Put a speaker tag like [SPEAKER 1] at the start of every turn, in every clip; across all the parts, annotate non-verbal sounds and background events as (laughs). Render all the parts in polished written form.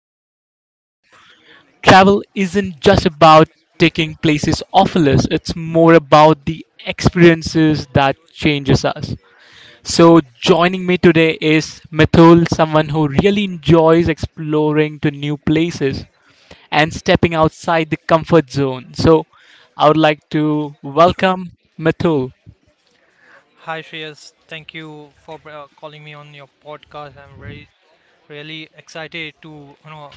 [SPEAKER 1] adventure. So, travel isn't just about taking places off a list, it's more about the experiences that changes us. So, joining me today is Mithul, someone who really enjoys exploring to new places and stepping outside the comfort zone. So I would like to welcome Mithul.
[SPEAKER 2] Hi Shreyas, thank you for calling me on your podcast. I'm very really excited to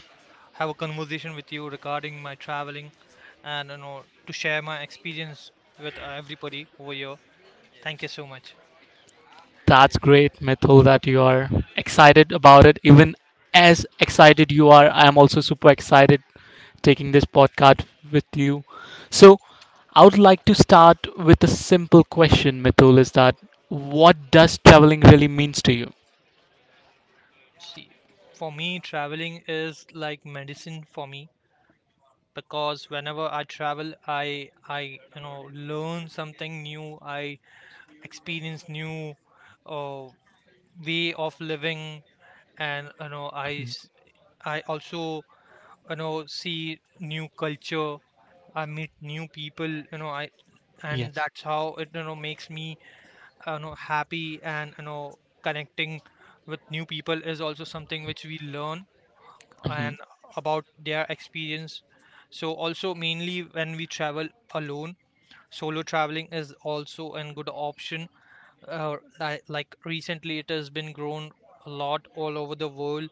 [SPEAKER 2] have a conversation with you regarding my traveling and to share my experience with everybody over here. Thank you so much.
[SPEAKER 1] That's great, Mithul, that you are excited about it. Even as excited you are, I am also super excited taking this podcast with you. So I would like to start with a simple question, Mithul, is that what does traveling really means to you?
[SPEAKER 2] See, for me traveling is like medicine for me because whenever I travel I learn something new. I experience new uh, way of living and
[SPEAKER 1] Mhm.
[SPEAKER 2] I also see new culture. I meet new people you know I and
[SPEAKER 1] Yes.
[SPEAKER 2] that's how it makes me happy, and connecting with new people is also something which we learn,
[SPEAKER 1] Mhm.
[SPEAKER 2] and about their experience. So also mainly when we travel alone, solo traveling is also a good option. Like recently it has been grown a lot all over the world,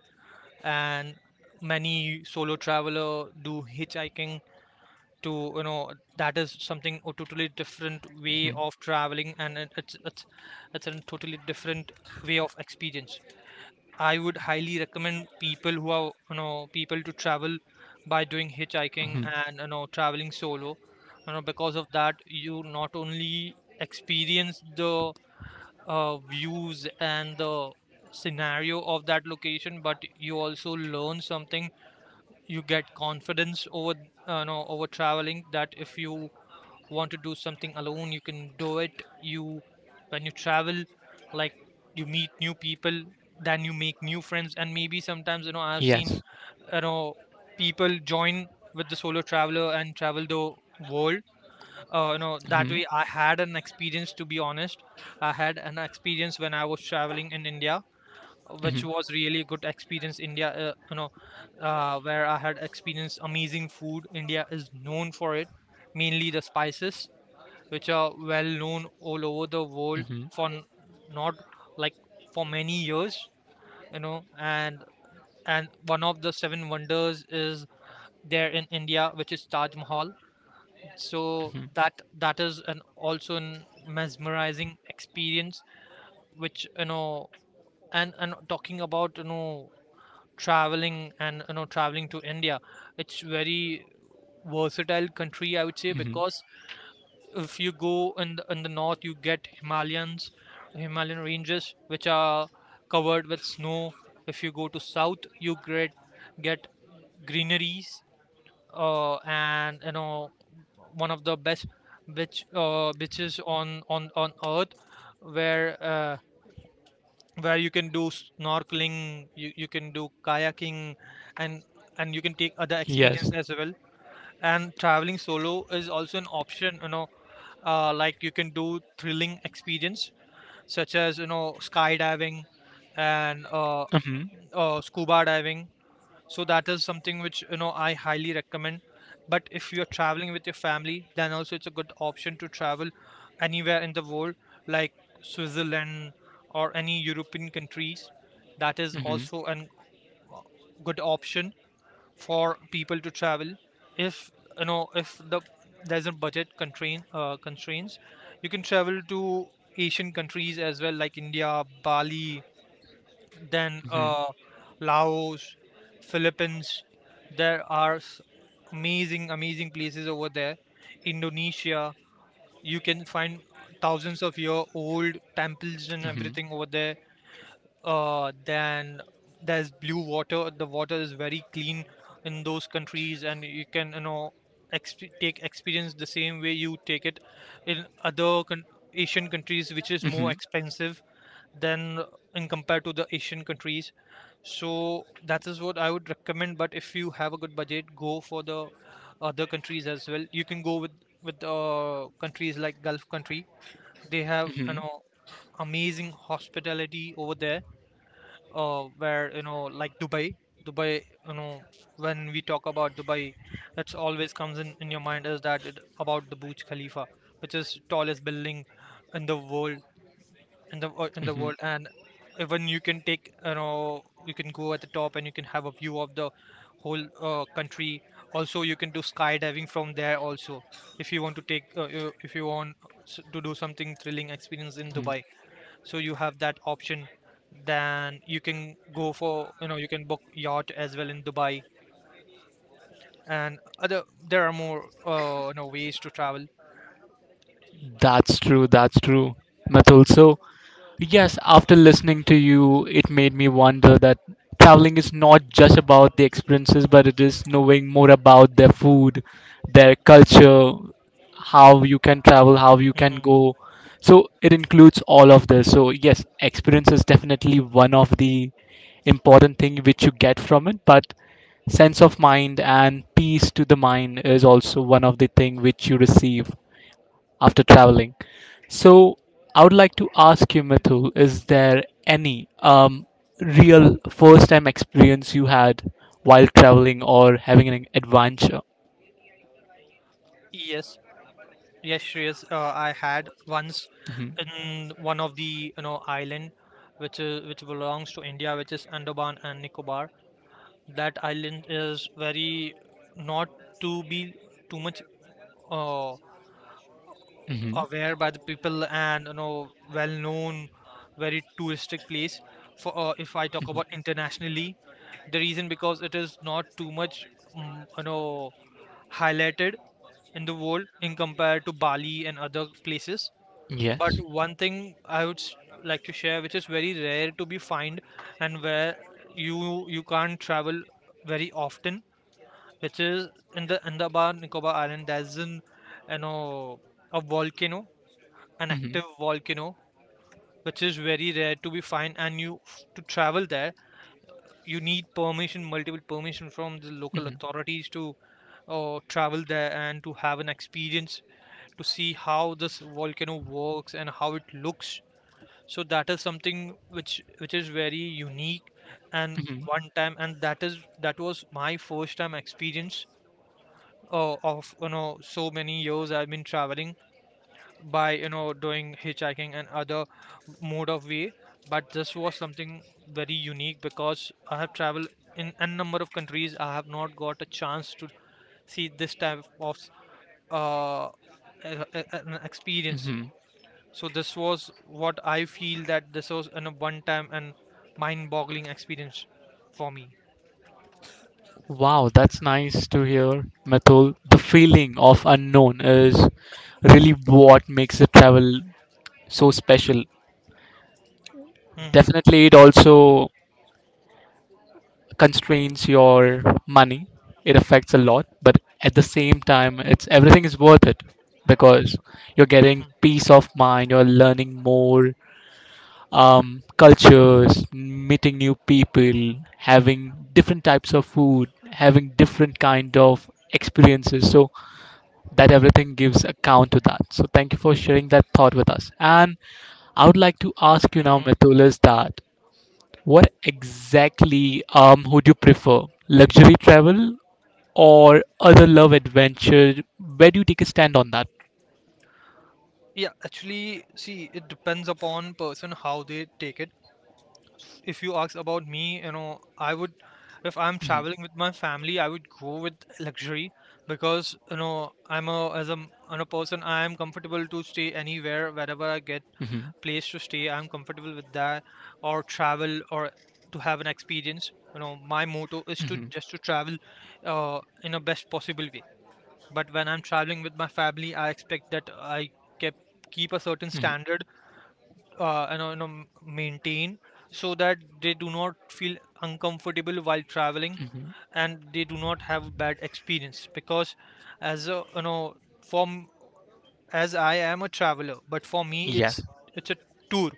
[SPEAKER 2] and many solo traveler do hitchhiking to that is something a totally different way
[SPEAKER 1] Mhm.
[SPEAKER 2] of traveling. And it, it's a totally different way of experience. I would highly recommend people who are people to travel by doing hitchhiking
[SPEAKER 1] Mhm.
[SPEAKER 2] and traveling solo. Because of that, you not only experience the views and the scenario of that location, but you also learn something. You get confidence over no over traveling, that if you want to do something alone, you can do it. You, when you travel, like, you meet new people, then you make new friends, and maybe sometimes I've seen
[SPEAKER 1] Yes.
[SPEAKER 2] you know people join with the solo traveler and travel the world. That
[SPEAKER 1] Mhm.
[SPEAKER 2] way, I had an experience, to be honest. I had an experience when I was traveling in India, which
[SPEAKER 1] Mhm.
[SPEAKER 2] was really good experience. India, where I had experienced amazing food. India is known for it, mainly the spices, which are well known all over the world
[SPEAKER 1] Mhm.
[SPEAKER 2] for not, like, for many years, you know and and one of the seven wonders is there in India, which is Taj Mahal. So
[SPEAKER 1] Mhm.
[SPEAKER 2] that is an also an mesmerizing experience, which, and talking about traveling and traveling to India. It's very versatile country, I would say,
[SPEAKER 1] Mhm.
[SPEAKER 2] because if you go in the north, you get Himalayans, Himalayan ranges which are covered with snow. If you go to south, you get greeneries, and one of the best, which beaches on earth, where uh, where you can do snorkeling, you can do kayaking, and and you can take other
[SPEAKER 1] Yes.
[SPEAKER 2] experience as well. And traveling solo is also an option, like you can do thrilling experience, such as skydiving, and
[SPEAKER 1] Mm-hmm.
[SPEAKER 2] scuba diving. So that is something which I highly recommend. But if you're traveling with your family, then also it's a good option to travel anywhere in the world, like Switzerland or any European countries. That is
[SPEAKER 1] Mhm,
[SPEAKER 2] also a good option for people to travel if if the there's a budget constraints, you can travel to Asian countries as well, like India, Bali, then
[SPEAKER 1] mhm,
[SPEAKER 2] Laos, Philippines. There are amazing, amazing places over there. Indonesia, you can find thousands of year old temples and
[SPEAKER 1] mhm,
[SPEAKER 2] everything over there. Then there's blue water. The water is very clean in those countries, and you can take experience the same way you take it in other Asian countries, which is more
[SPEAKER 1] mhm,
[SPEAKER 2] expensive than in compared to the Asian countries. So that is what I would recommend. But if you have a good budget, go for the other countries as well. You can go with countries like Gulf country. They have
[SPEAKER 1] mhm,
[SPEAKER 2] amazing hospitality over there, where like Dubai. When we talk about Dubai, that's always comes in your mind is that about the Burj Khalifa, which is tallest building in the world, in the
[SPEAKER 1] mhm,
[SPEAKER 2] world. And even you can take you can go at the top and you can have a view of the whole country. Also you can do skydiving from there also, if you want to take if you want to do something thrilling experience in
[SPEAKER 1] mhm.
[SPEAKER 2] Dubai. So you have that option. Then you can go for you can book yacht as well in Dubai, and other, there are more ways to travel.
[SPEAKER 1] That's true, that's true. But also, yes, after listening to you, it made me wonder that traveling is not just about the experiences, but it is knowing more about their food, their culture, how you can travel, how you can
[SPEAKER 2] Hmm.
[SPEAKER 1] go. So it includes all of this. So yes, experience is definitely one of the important thing which you get from it, but sense of mind and peace to the mind is also one of the thing which you receive after traveling. So I would like to ask you, Mithul, is there any real first time experience you had while traveling or having an adventure?
[SPEAKER 2] Yes. Yes, Shreyas, I had once,
[SPEAKER 1] Hmm.
[SPEAKER 2] in one of the island which is which belongs to India, which is Andaman and Nicobar. That island is very not to be too much uh,
[SPEAKER 1] Hmm.
[SPEAKER 2] aware by the people and well known, very touristic place. For if I talk
[SPEAKER 1] Hmm.
[SPEAKER 2] about internationally, the reason because it is not too much mm, you know highlighted in the world in compared to Bali and other places. But
[SPEAKER 1] Yes.
[SPEAKER 2] one thing I would like to share, which is very rare to be found, and where you can't travel very often, which is in the Andaman Nicobar Island. There's an you know a volcano, an active
[SPEAKER 1] Hmm.
[SPEAKER 2] volcano, which is very rare to be found, and you, to travel there, you need permission, multiple permission from the local
[SPEAKER 1] Hmm.
[SPEAKER 2] authorities to travel there and to have an experience to see how this volcano works and how it looks. So that is something which is very unique, and
[SPEAKER 1] Hmm.
[SPEAKER 2] one time, and that is that was my first time experience, of so many years I've been traveling by doing hitchhiking and other mode of way. But this was something very unique, because I have traveled in a number of countries. I have not got a chance to see this type of uh, an experience.
[SPEAKER 1] Hmm.
[SPEAKER 2] So this was what I feel, that this was an, a one-time and mind-boggling experience for me.
[SPEAKER 1] Wow, that's nice to hear, Mithul. The feeling of unknown is really what makes the travel so special.
[SPEAKER 2] Hmm.
[SPEAKER 1] Definitely, it also constrains your money. It affects a lot, but at the same time, it's everything is worth it because you're getting
[SPEAKER 2] Hmm.
[SPEAKER 1] peace of mind. You're learning more cultures, meeting new people, having different types of food, having different kind of experiences. So that everything gives account to that. So thank you for sharing that thought with us. And I would like to ask you now,
[SPEAKER 2] Hmm.
[SPEAKER 1] Methul, is that what exactly would you prefer? Luxury travel or other love adventure? Where do you take a stand on that?
[SPEAKER 2] Yeah, actually, see, it depends upon person how they take it. If you ask about me, I would, if I'm traveling with my family, I would go with luxury, because I'm a, as a, on a person, I am comfortable to stay anywhere, wherever I get
[SPEAKER 1] Mhm,
[SPEAKER 2] place to stay. I'm comfortable with that, or travel, or to have an experience. My motto is to
[SPEAKER 1] mhm,
[SPEAKER 2] just to travel in a best possible way. But when I'm traveling with my family, I expect that I kept keep a certain
[SPEAKER 1] mhm,
[SPEAKER 2] standard, uh, you know, you know maintain, so that they do not feel uncomfortable while traveling,
[SPEAKER 1] mhm.
[SPEAKER 2] and they do not have bad experience. Because as a, from, as I am a traveler, but for me
[SPEAKER 1] Yes.
[SPEAKER 2] it's a tour,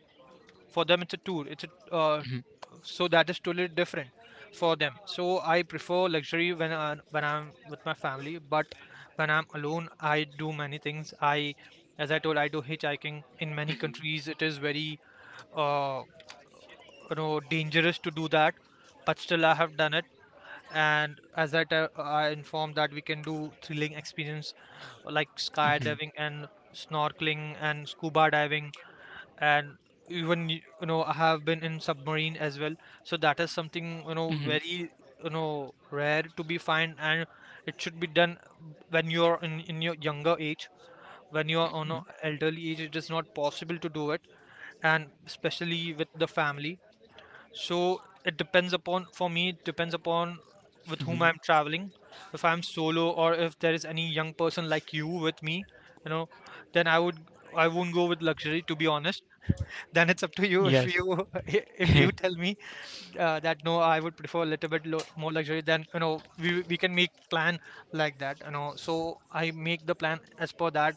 [SPEAKER 2] for them it's a tour, it's a uh,
[SPEAKER 1] Mhm,
[SPEAKER 2] so that is totally different for them. So I prefer luxury when I'm with my family. But when I'm alone, I do many things. I, as I told, I do hitchhiking in many countries. It is very uh, dangerous to do that, but still I have done it. And as I informed, that we can do thrilling experience, like
[SPEAKER 1] mhm,
[SPEAKER 2] skydiving and snorkeling and scuba diving, and even I have been in submarine as well. So that is something
[SPEAKER 1] mhm,
[SPEAKER 2] very rare to be find, and it should be done when you're in your younger age. When you're on
[SPEAKER 1] mhm,
[SPEAKER 2] a elderly age, it is not possible to do it, and especially with the family. So it depends upon, for me, it depends upon with whom
[SPEAKER 1] mhm.
[SPEAKER 2] I'm traveling. If I'm solo, or if there is any young person like you with me, you know, then I would, I won't go with luxury, to be honest. (laughs) Then it's up to you if
[SPEAKER 1] Yes.
[SPEAKER 2] you, (laughs) if you
[SPEAKER 1] (laughs)
[SPEAKER 2] tell me that no, I would prefer a little bit lo more luxury. Then, we can make plan like that. You know, so I make the plan as per that,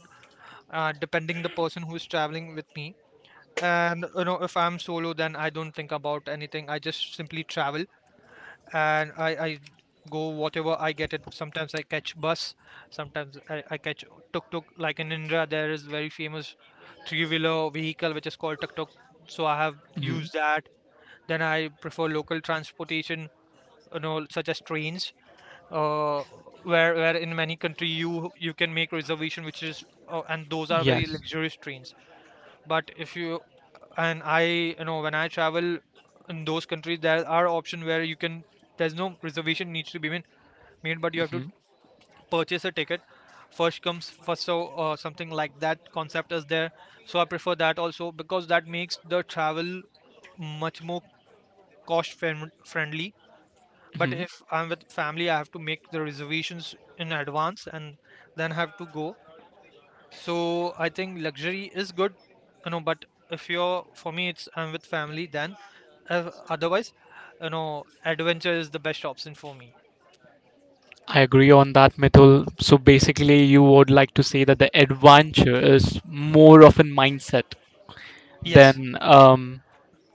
[SPEAKER 2] depending the person who is traveling with me. And you know, if I'm solo, then I don't think about anything. I just simply travel and I go whatever I get it. Sometimes I catch bus, sometimes I catch tuk tuk. Like in India, there is very famous three wheeler vehicle which is called tuk tuk. So I have
[SPEAKER 1] Mhm.
[SPEAKER 2] used that. Then I prefer local transportation, you know, such as trains. Uh, where where in many country you can make reservation, which is and those are very
[SPEAKER 1] Yes.
[SPEAKER 2] luxurious trains. But if you, and I, you know, when I travel in those countries, there are options where you can, there's no reservation needs to be made, but you have to
[SPEAKER 1] Mhm,
[SPEAKER 2] purchase a ticket. First comes first. So something like that concept is there. So I prefer that also because that makes the travel much more cost friendly. But
[SPEAKER 1] mhm.
[SPEAKER 2] if I'm with family, I have to make the reservations in advance and then have to go. So I think luxury is good, you know. But if you're, for me, it's I'm with family. Then, otherwise, you know, adventure is the best option for me.
[SPEAKER 1] I agree on that, Mithul. So basically, you would like to say that the adventure is more of a mindset
[SPEAKER 2] Yes,
[SPEAKER 1] than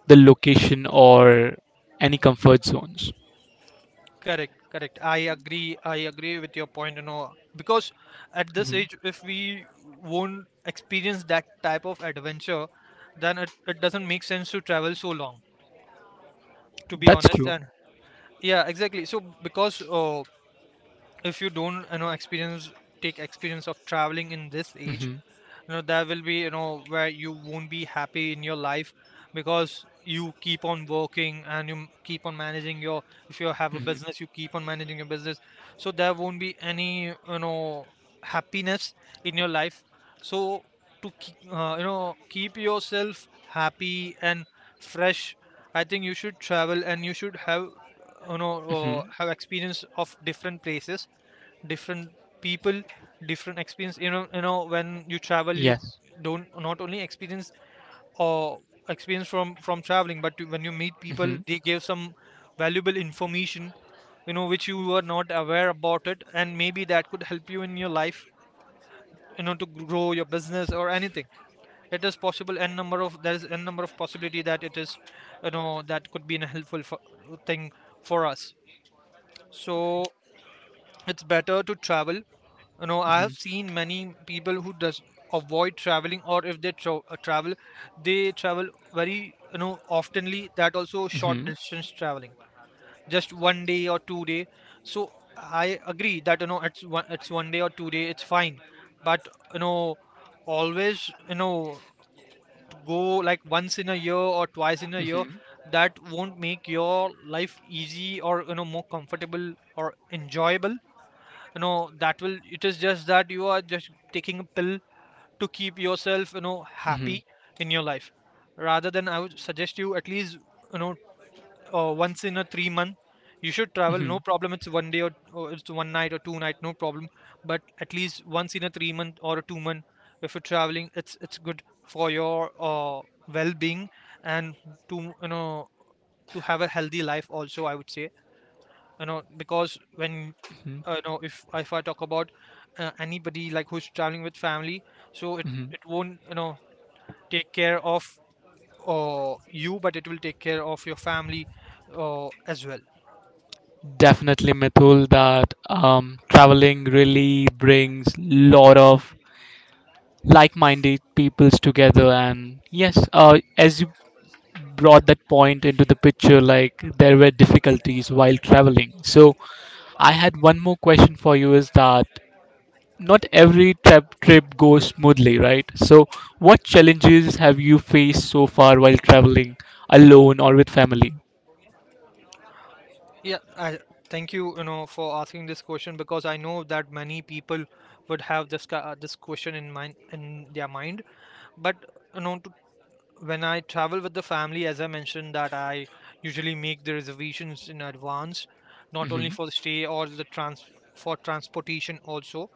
[SPEAKER 1] the location or any comfort zones.
[SPEAKER 2] correct, correct. I agree. I agree with your point. You know, because at this
[SPEAKER 1] Mhm.
[SPEAKER 2] age, if we won't experience that type of adventure, then it doesn't make sense to travel so long. To be
[SPEAKER 1] That's
[SPEAKER 2] honest.
[SPEAKER 1] true.
[SPEAKER 2] And yeah, exactly. So because if you don't, you know, experience, take experience of traveling in this age,
[SPEAKER 1] Mhm,
[SPEAKER 2] you know, that will be, you know, where you won't be happy in your life because you keep on working, and you keep on managing your, if you have a
[SPEAKER 1] mhm,
[SPEAKER 2] business you keep on managing your business. So there won't be any, you know, happiness in your life. So to keep, you know, keep yourself happy and fresh, I think you should travel and you should have, you know,
[SPEAKER 1] mhm.
[SPEAKER 2] have experience of different places, different people, different experience. You know, you know, when you travel you
[SPEAKER 1] Yes.
[SPEAKER 2] don't not only experience or experience from traveling, but when you meet people
[SPEAKER 1] Mhm,
[SPEAKER 2] they give some valuable information, you know, which you were not aware about it, and maybe that could help you in your life, you know, to grow your business or anything. It is possible n number of, there is n number of possibility that it is, you know, that could be a helpful for, thing for us. So it's better to travel, you know, I
[SPEAKER 1] mhm,
[SPEAKER 2] have seen many people who does avoid traveling, or if they travel, they travel very, you know, oftenly, that also short
[SPEAKER 1] mhm,
[SPEAKER 2] distance traveling, just one day or 2 day. So I agree that, you know, it's one day or 2 day, it's fine. But you know, always, you know, to go like once in a year or twice in a year,
[SPEAKER 1] mhm,
[SPEAKER 2] that won't make your life easy or, you know, more comfortable or enjoyable. You know, that will, it is just that you are just taking a pill to keep yourself, you know,
[SPEAKER 1] mhm,
[SPEAKER 2] happy in your life. Rather than, I would suggest you at least, you know, once in a 3 month you should travel, no
[SPEAKER 1] mhm,
[SPEAKER 2] problem, it's one day or, it's one night or two night, no problem. But at least once in a 3 month or a 2 month, if you're traveling, it's good for your well-being, and to, you know, to have a healthy life also, I would say, you know, because when
[SPEAKER 1] mhm,
[SPEAKER 2] you know, if I talk about anybody like who's traveling with family, so it
[SPEAKER 1] mhm.
[SPEAKER 2] it won't, you know, take care of, you, but it will take care of your family, as well.
[SPEAKER 1] Definitely, Mithul, that traveling really brings lot of like-minded peoples together. And yes, as you brought that point into the picture, like there were difficulties while traveling. So I had one more question for you: is that not every trip goes smoothly, right? So, what challenges have you faced so far while traveling alone or with family?
[SPEAKER 2] Yeah, I thank you, you know, for asking this question, because I know that many people would have this question in mind, in their mind. But you know, to, when I travel with the family, as I mentioned, that I usually make the reservations in advance, not only
[SPEAKER 1] Hmm.
[SPEAKER 2] for the stay or the trans for transportation also.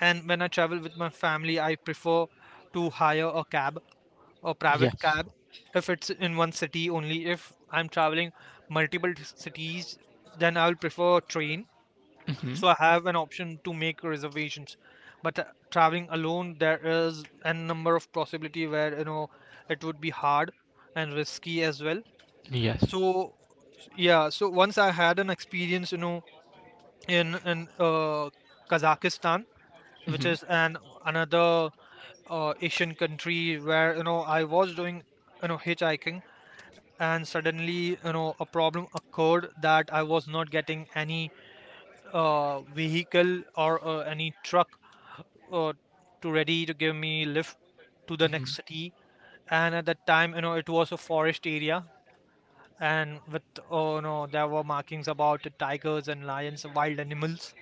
[SPEAKER 2] And when I travel with my family, I prefer to hire a cab, a private
[SPEAKER 1] Yes.
[SPEAKER 2] cab, if it's in one city only. If I'm traveling multiple cities, then I will prefer train
[SPEAKER 1] Hmm.
[SPEAKER 2] so I have an option to make reservations. But traveling alone, there is a number of possibility where, you know, it would be hard and risky as well.
[SPEAKER 1] Yes.
[SPEAKER 2] So yeah, so once I had an experience, you know, in Kazakhstan, which
[SPEAKER 1] Hmm.
[SPEAKER 2] is an another Asian country where, you know, I was doing, you know, hitchhiking, and suddenly, you know, a problem occurred that I was not getting any vehicle or any truck uh, to ready to give me lift to the
[SPEAKER 1] Hmm.
[SPEAKER 2] next city, and at that time, you know, it was a forest area, and with, oh, you know, there were markings about tigers and lions, wild animals.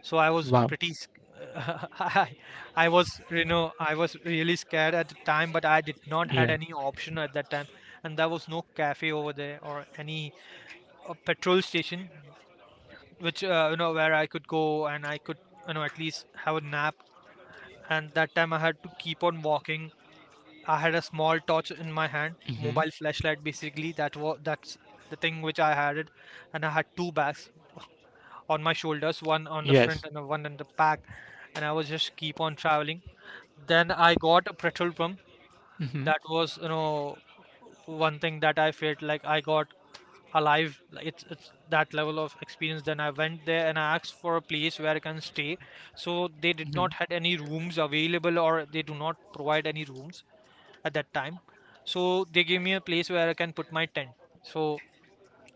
[SPEAKER 2] So I was
[SPEAKER 1] Wow.
[SPEAKER 2] pretty (laughs) I, I was, you know, I was really scared at the time, but I did not had
[SPEAKER 1] Yeah.
[SPEAKER 2] any option at that time. And there was no cafe over there or any petrol station which, you know, where I could go and I could, you know, at least have a nap. And that time I had to keep on walking. I had a small torch in my hand,
[SPEAKER 1] Hmm.
[SPEAKER 2] mobile flashlight basically. That's the thing which I had it, and I had two bags on my shoulders, one on the front
[SPEAKER 1] Yes.
[SPEAKER 2] and the one on the back, and I was just keep on traveling. Then I got a petrol pump.
[SPEAKER 1] Hmm.
[SPEAKER 2] That was, you know, one thing that I felt like I got alive. Like, it's that level of experience. Then I went there and I asked for a place where I can stay. So they did
[SPEAKER 1] Hmm.
[SPEAKER 2] not had any rooms available, or they do not provide any rooms at that time. So they gave me a place where I can put my tent. So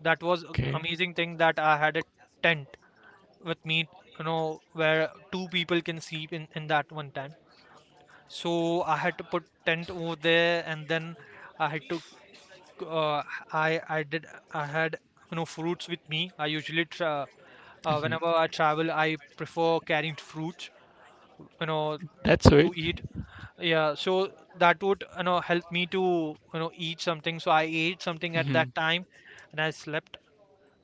[SPEAKER 2] that was a
[SPEAKER 1] Okay.
[SPEAKER 2] amazing thing that I had a tent with me, you know, where two people can sleep in that one tent. So I had to put tent over there and then I had to, uh, I I did I had, you know, fruits with me. I usually
[SPEAKER 1] Hmm.
[SPEAKER 2] whenever I travel, I prefer carrying fruits. You know,
[SPEAKER 1] That's it.
[SPEAKER 2] to eat. Yeah, so that would, you know, help me to, you know, eat something. So I ate something at
[SPEAKER 1] Hmm.
[SPEAKER 2] that time, and I slept.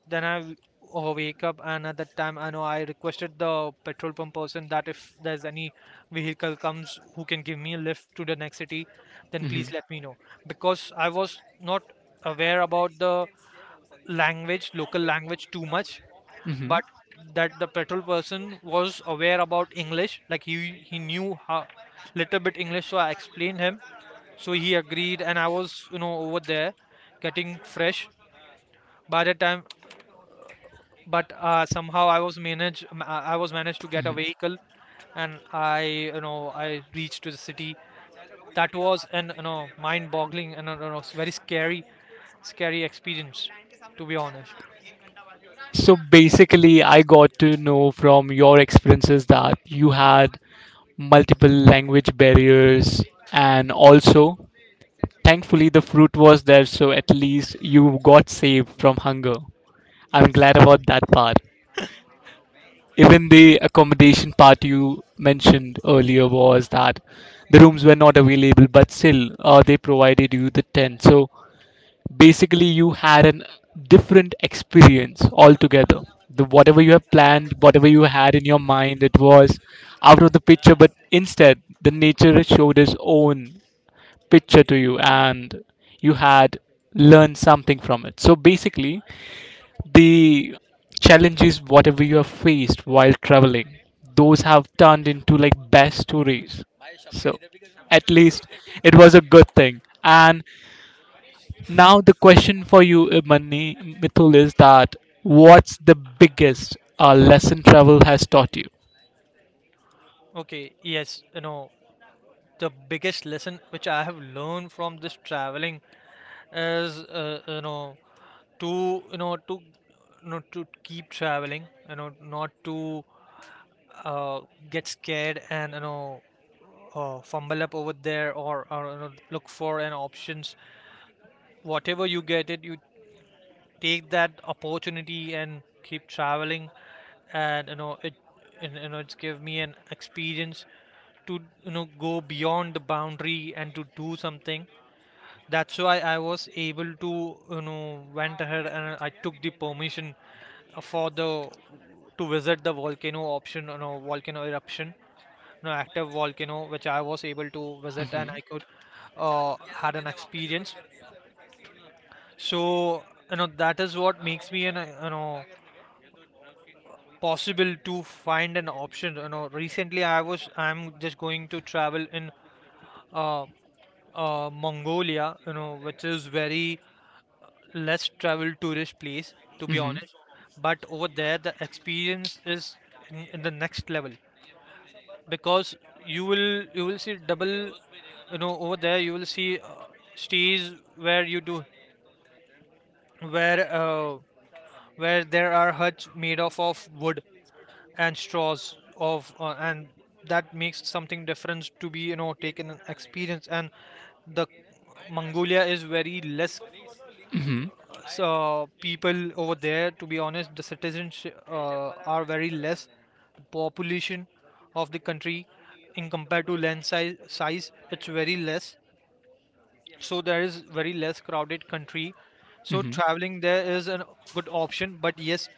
[SPEAKER 2] Then I wake up, and at that time I know I requested the petrol pump person that if there's any vehicle comes who can give me a lift to the next city, then please
[SPEAKER 1] Hmm.
[SPEAKER 2] let me know, because I was not aware about the language, local language too much.
[SPEAKER 1] Hmm.
[SPEAKER 2] But that the petrol person was aware about English. Like he knew how little bit English, so I explained him. So he agreed, and I was, you know, over there getting fresh. By the time, but somehow I was managed. I was managed to get a
[SPEAKER 1] Hmm.
[SPEAKER 2] vehicle, and I you know, I reached to the city. That was an, you know, mind-boggling and, you know, very scary, scary experience, to be honest.
[SPEAKER 1] So basically, I got to know from your experiences that you had multiple language barriers and also thankfully, the fruit was there, so at least you got saved from hunger. I'm
[SPEAKER 2] Yes.
[SPEAKER 1] glad about that part. Even the accommodation part you mentioned earlier was that the rooms were not available, but still they provided you the tent. So basically, you had an different experience altogether. The whatever you have planned, whatever you had in your mind, it was out of the picture. But instead, the nature showed its own picture to you and you had learned something from it. So basically, the challenges, whatever you have faced while traveling, those have turned into like best stories. So at least it was a good thing. And now the question for you, Mani Mithul, is that what's the biggest lesson travel has taught you?
[SPEAKER 2] Okay, yes, you know, the biggest lesson which I have learned from this traveling is, you know, to, you know, to, you know, to keep traveling, you know, not to, uh, get scared, and, you know, fumble up over there, or, you know, look for an options, whatever you get it, you take that opportunity and keep traveling, and you know it, and, you know, it's give me an experience to, you know, go beyond the boundary and to do something. That's why I was able to, you know, went ahead and I took the permission for the to visit the volcano option, you know, volcano eruption, you know, active volcano, which I was able to visit, and
[SPEAKER 1] Hmm.
[SPEAKER 2] I could, had an experience. So, you know, that is what makes me an, you know, possible to find an option. You know, recently I'm just going to travel in uh, Mongolia, you know, which is very less traveled tourist place, to be
[SPEAKER 1] Hmm.
[SPEAKER 2] honest. But over there, the experience is in the next level because you will see double, you know. Over there you will see, stays where you do, where, where there are huts made of wood and straws of, and that makes something difference to be, you know, taken an experience. And the Mongolia is very less.
[SPEAKER 1] Hmm.
[SPEAKER 2] So people over there. To be honest, the citizens are very less. The population of the country, in compared to land size, it's very less. So there is very less crowded country. So
[SPEAKER 1] Hmm.
[SPEAKER 2] traveling there is a good option. But yes,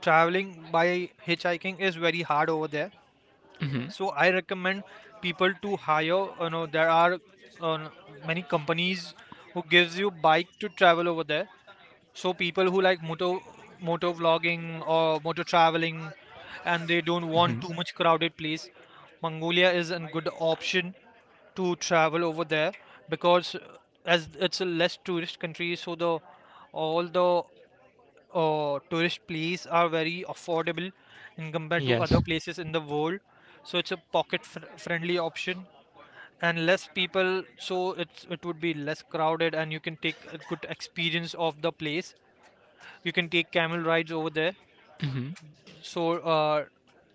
[SPEAKER 2] traveling by hitchhiking is very hard over there.
[SPEAKER 1] Hmm.
[SPEAKER 2] So I recommend people to hire. You know, there are uh, many companies who gives you bike to travel over there. So people who like moto vlogging or moto traveling, and they don't want
[SPEAKER 1] Hmm.
[SPEAKER 2] too much crowded place, Mongolia is a good option to travel over there because as it's a less tourist country, so the all the tourist places are very affordable in compared to other
[SPEAKER 1] Yes.
[SPEAKER 2] places in the world. So it's a pocket fr friendly option and less people, so it would be less crowded and you can take a good experience of the place. You can take camel rides over there.
[SPEAKER 1] Hmm.
[SPEAKER 2] so uh,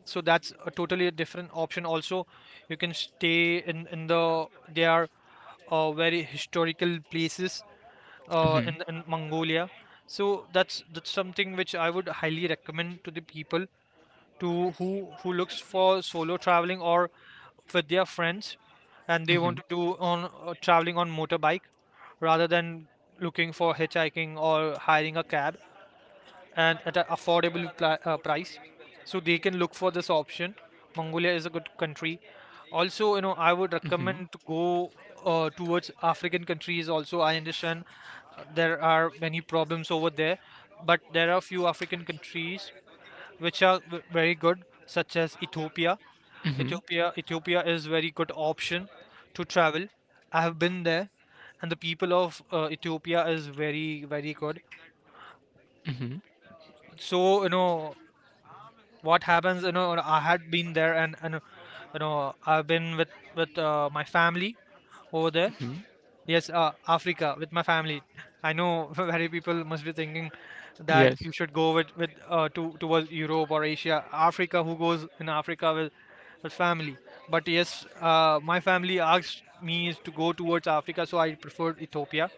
[SPEAKER 2] so that's a totally a different option also. You can stay in the, they are, very historical places, uh, in,
[SPEAKER 1] Hmm.
[SPEAKER 2] in Mongolia. So that's something which I would highly recommend to the people, to who looks for solo traveling or with their friends, and they want
[SPEAKER 1] Hmm.
[SPEAKER 2] to do on traveling on motorbike, rather than looking for hitchhiking or hiring a cab, and at an affordable price. So they can look for this option. Mongolia is a good country. Also, I would
[SPEAKER 1] Hmm.
[SPEAKER 2] recommend to go towards African countries. Also, I understand there are many problems over there, but there are a few African countries which are very good, such as Ethiopia.
[SPEAKER 1] Mm-hmm,
[SPEAKER 2] Ethiopia, Ethiopia is very good option to travel. I have been there, and the people of Ethiopia is very very good.
[SPEAKER 1] mm-hmm,
[SPEAKER 2] So what happens, I had been there, and I've been with my family over there.
[SPEAKER 1] mm-hmm.
[SPEAKER 2] Yes, Africa with my family, I know. (laughs) Very people must be thinking that
[SPEAKER 1] Yes.
[SPEAKER 2] you should go with to towards Europe or Asia. Africa, who goes in Africa with family? But yes, my family asked me to go towards Africa, so I preferred Ethiopia.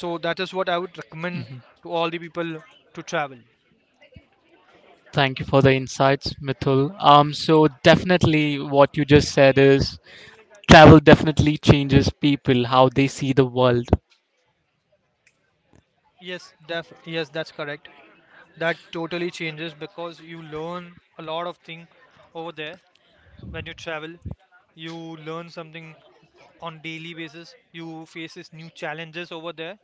[SPEAKER 2] So that is what I would recommend to all the people, to travel.
[SPEAKER 1] Thank you for the insights, Mithul. So definitely what you just said is travel definitely changes people, how they see the world.
[SPEAKER 2] Yes, yes, that's correct. That totally changes because you learn a lot of thing over there when you travel. You learn something on daily basis. You faces new challenges over there.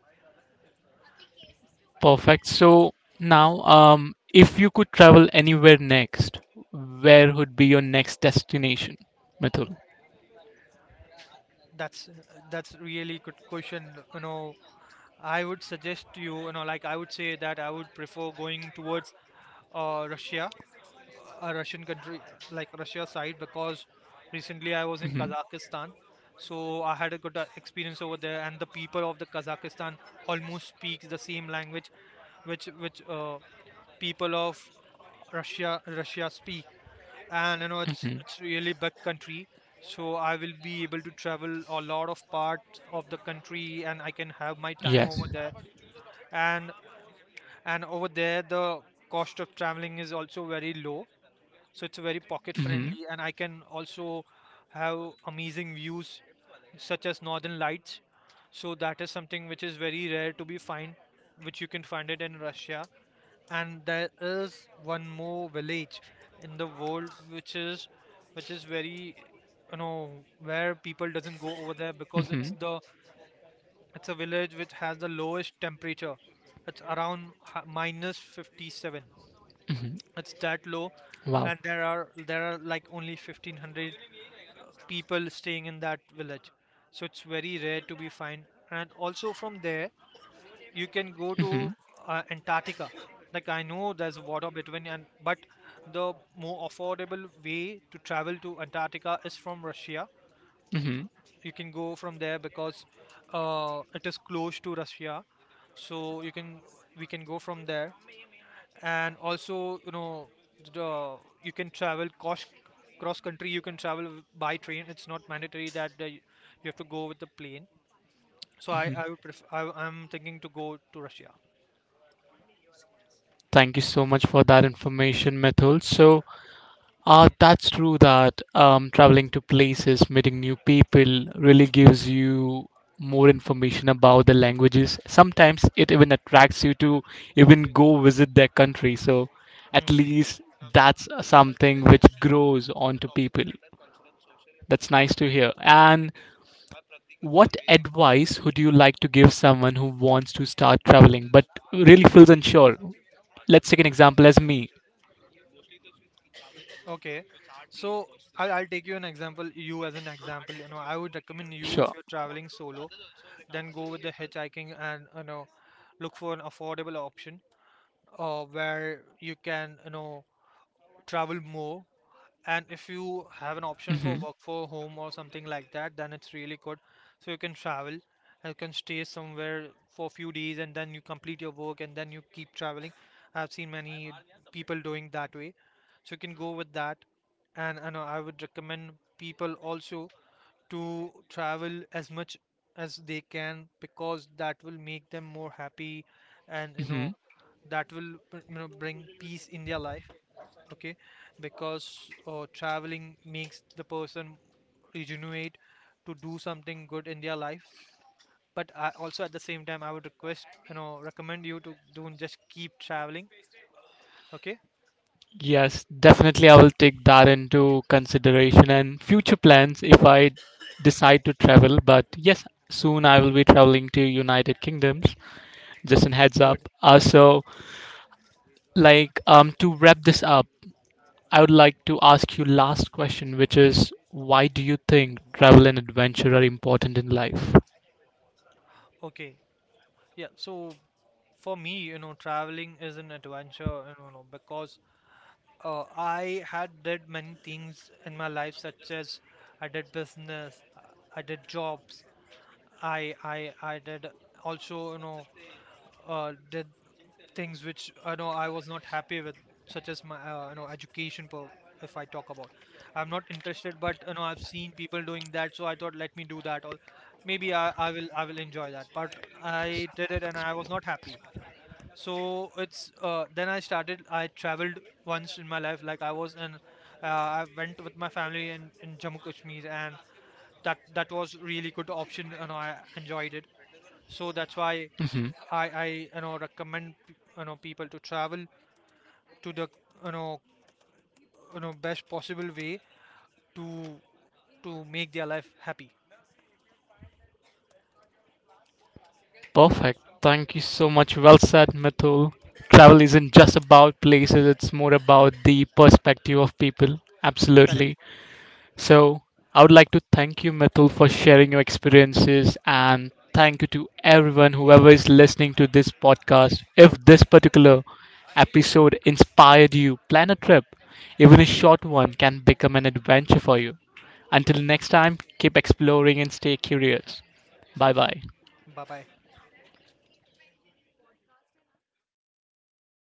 [SPEAKER 1] Perfect. So now, if you could travel anywhere next, where would be your next destination, Mithul?
[SPEAKER 2] That's that's really good question. You know, I would suggest to you, like I would say that I would prefer going towards Russia, a Russian country, like Russia side, because recently I was in
[SPEAKER 1] Mm-hmm,
[SPEAKER 2] Kazakhstan. So I had a good experience over there, and the people of the Kazakhstan almost speaks the same language, which people of Russia speak, and it's
[SPEAKER 1] mm-hmm.
[SPEAKER 2] it's really big country. So I will be able to travel a lot of parts of the country, and I can have my time over
[SPEAKER 1] Yes.
[SPEAKER 2] there. And and over there the cost of traveling is also very low, so it's very pocket
[SPEAKER 1] Mm-hmm,
[SPEAKER 2] friendly, and I can also have amazing views such as northern lights. So that is something which is very rare to be find, which you can find it in Russia. And there is one more village in the world which is, which is very, you know, where people doesn't go over there because it's
[SPEAKER 1] mm-hmm,
[SPEAKER 2] the, it's a village which has the lowest temperature. It's around minus 57.
[SPEAKER 1] mm-hmm.
[SPEAKER 2] It's that low.
[SPEAKER 1] Wow.
[SPEAKER 2] And there are like only 1,500 people staying in that village, so it's very rare to be find. And also from there you can go to
[SPEAKER 1] Mm-hmm,
[SPEAKER 2] Antarctica. Like I know there's water between, and but the more affordable way to travel to Antarctica is from Russia.
[SPEAKER 1] mm-hmm.
[SPEAKER 2] You can go from there because it is close to Russia, so you can, we can go from there. And also, you know, the, you can travel cross country, you can travel by train. It's not mandatory that you have to go with the plane. So I would prefer, I'm thinking to go to Russia.
[SPEAKER 1] Thank you so much for that information, Mithul. So that's true that traveling to places, meeting new people really gives you more information about the languages. Sometimes it even attracts you to even go visit their country. So
[SPEAKER 2] Hmm.
[SPEAKER 1] at least that's something which grows onto people. That's nice to hear. And what advice would you like to give someone who wants to start traveling but really feels unsure? Let's take an example as me.
[SPEAKER 2] Okay, so I'll take you an example, you as an example. You know, I would recommend you, if
[SPEAKER 1] Sure.
[SPEAKER 2] you're traveling solo, then go with the hitchhiking, and you know, look for an affordable option, where you can, you know, travel more. And if you have an option for
[SPEAKER 1] Hmm.
[SPEAKER 2] work for home or something like that, then it's really good. So you can travel and you can stay somewhere for a few days and then you complete your work and then you keep traveling. I've seen many people doing that way, so you can go with that. And I know, I would recommend people also to travel as much as they can, because that will make them more happy. And you
[SPEAKER 1] Hmm.
[SPEAKER 2] know, that will you know bring peace in their life. Okay, because traveling makes the person regenerate to do something good in their life. But I also at the same time I would request, recommend you to don't just keep traveling. Okay.
[SPEAKER 1] Yes, definitely I will take that into consideration and future plans if I decide to travel. But yes, soon I will be traveling to United Kingdoms. Just a heads
[SPEAKER 2] Good.
[SPEAKER 1] up. So like to wrap this up, I would like to ask you last question, which is why do you think travel and adventure are important in life?
[SPEAKER 2] Okay, yeah. So for me, you know, traveling is an adventure, you know, no, because I had did many things in my life, such as I did business, I did jobs, I did also, you know, did things which I know I was not happy with, such as my you know education. Per-, if I talk about, I'm not interested, but you know I've seen people doing that, so I thought let me do that, or maybe I will I will enjoy that. But I did it and I was not happy. So it's then I started. I traveled once in my life, like I was, and I went with my family in Jammu Kashmir, and that was really good option, and I enjoyed it, so that's why
[SPEAKER 1] Hmm.
[SPEAKER 2] I, you know, recommend you know people to travel, to the, you know, you know, best possible way to to make their life happy.
[SPEAKER 1] Perfect. Thank you so much. Well said, Mithul. Travel isn't just about places, it's more about the perspective of people.
[SPEAKER 2] Correct.
[SPEAKER 1] Absolutely. So, I would like to thank you, Mithul, for sharing your experiences, and thank you to everyone, whoever is listening to this podcast. If this particular episode inspired you, plan a trip. Even a short one can become an adventure for you. Until next time, keep exploring and stay curious. Bye bye.
[SPEAKER 2] Bye bye.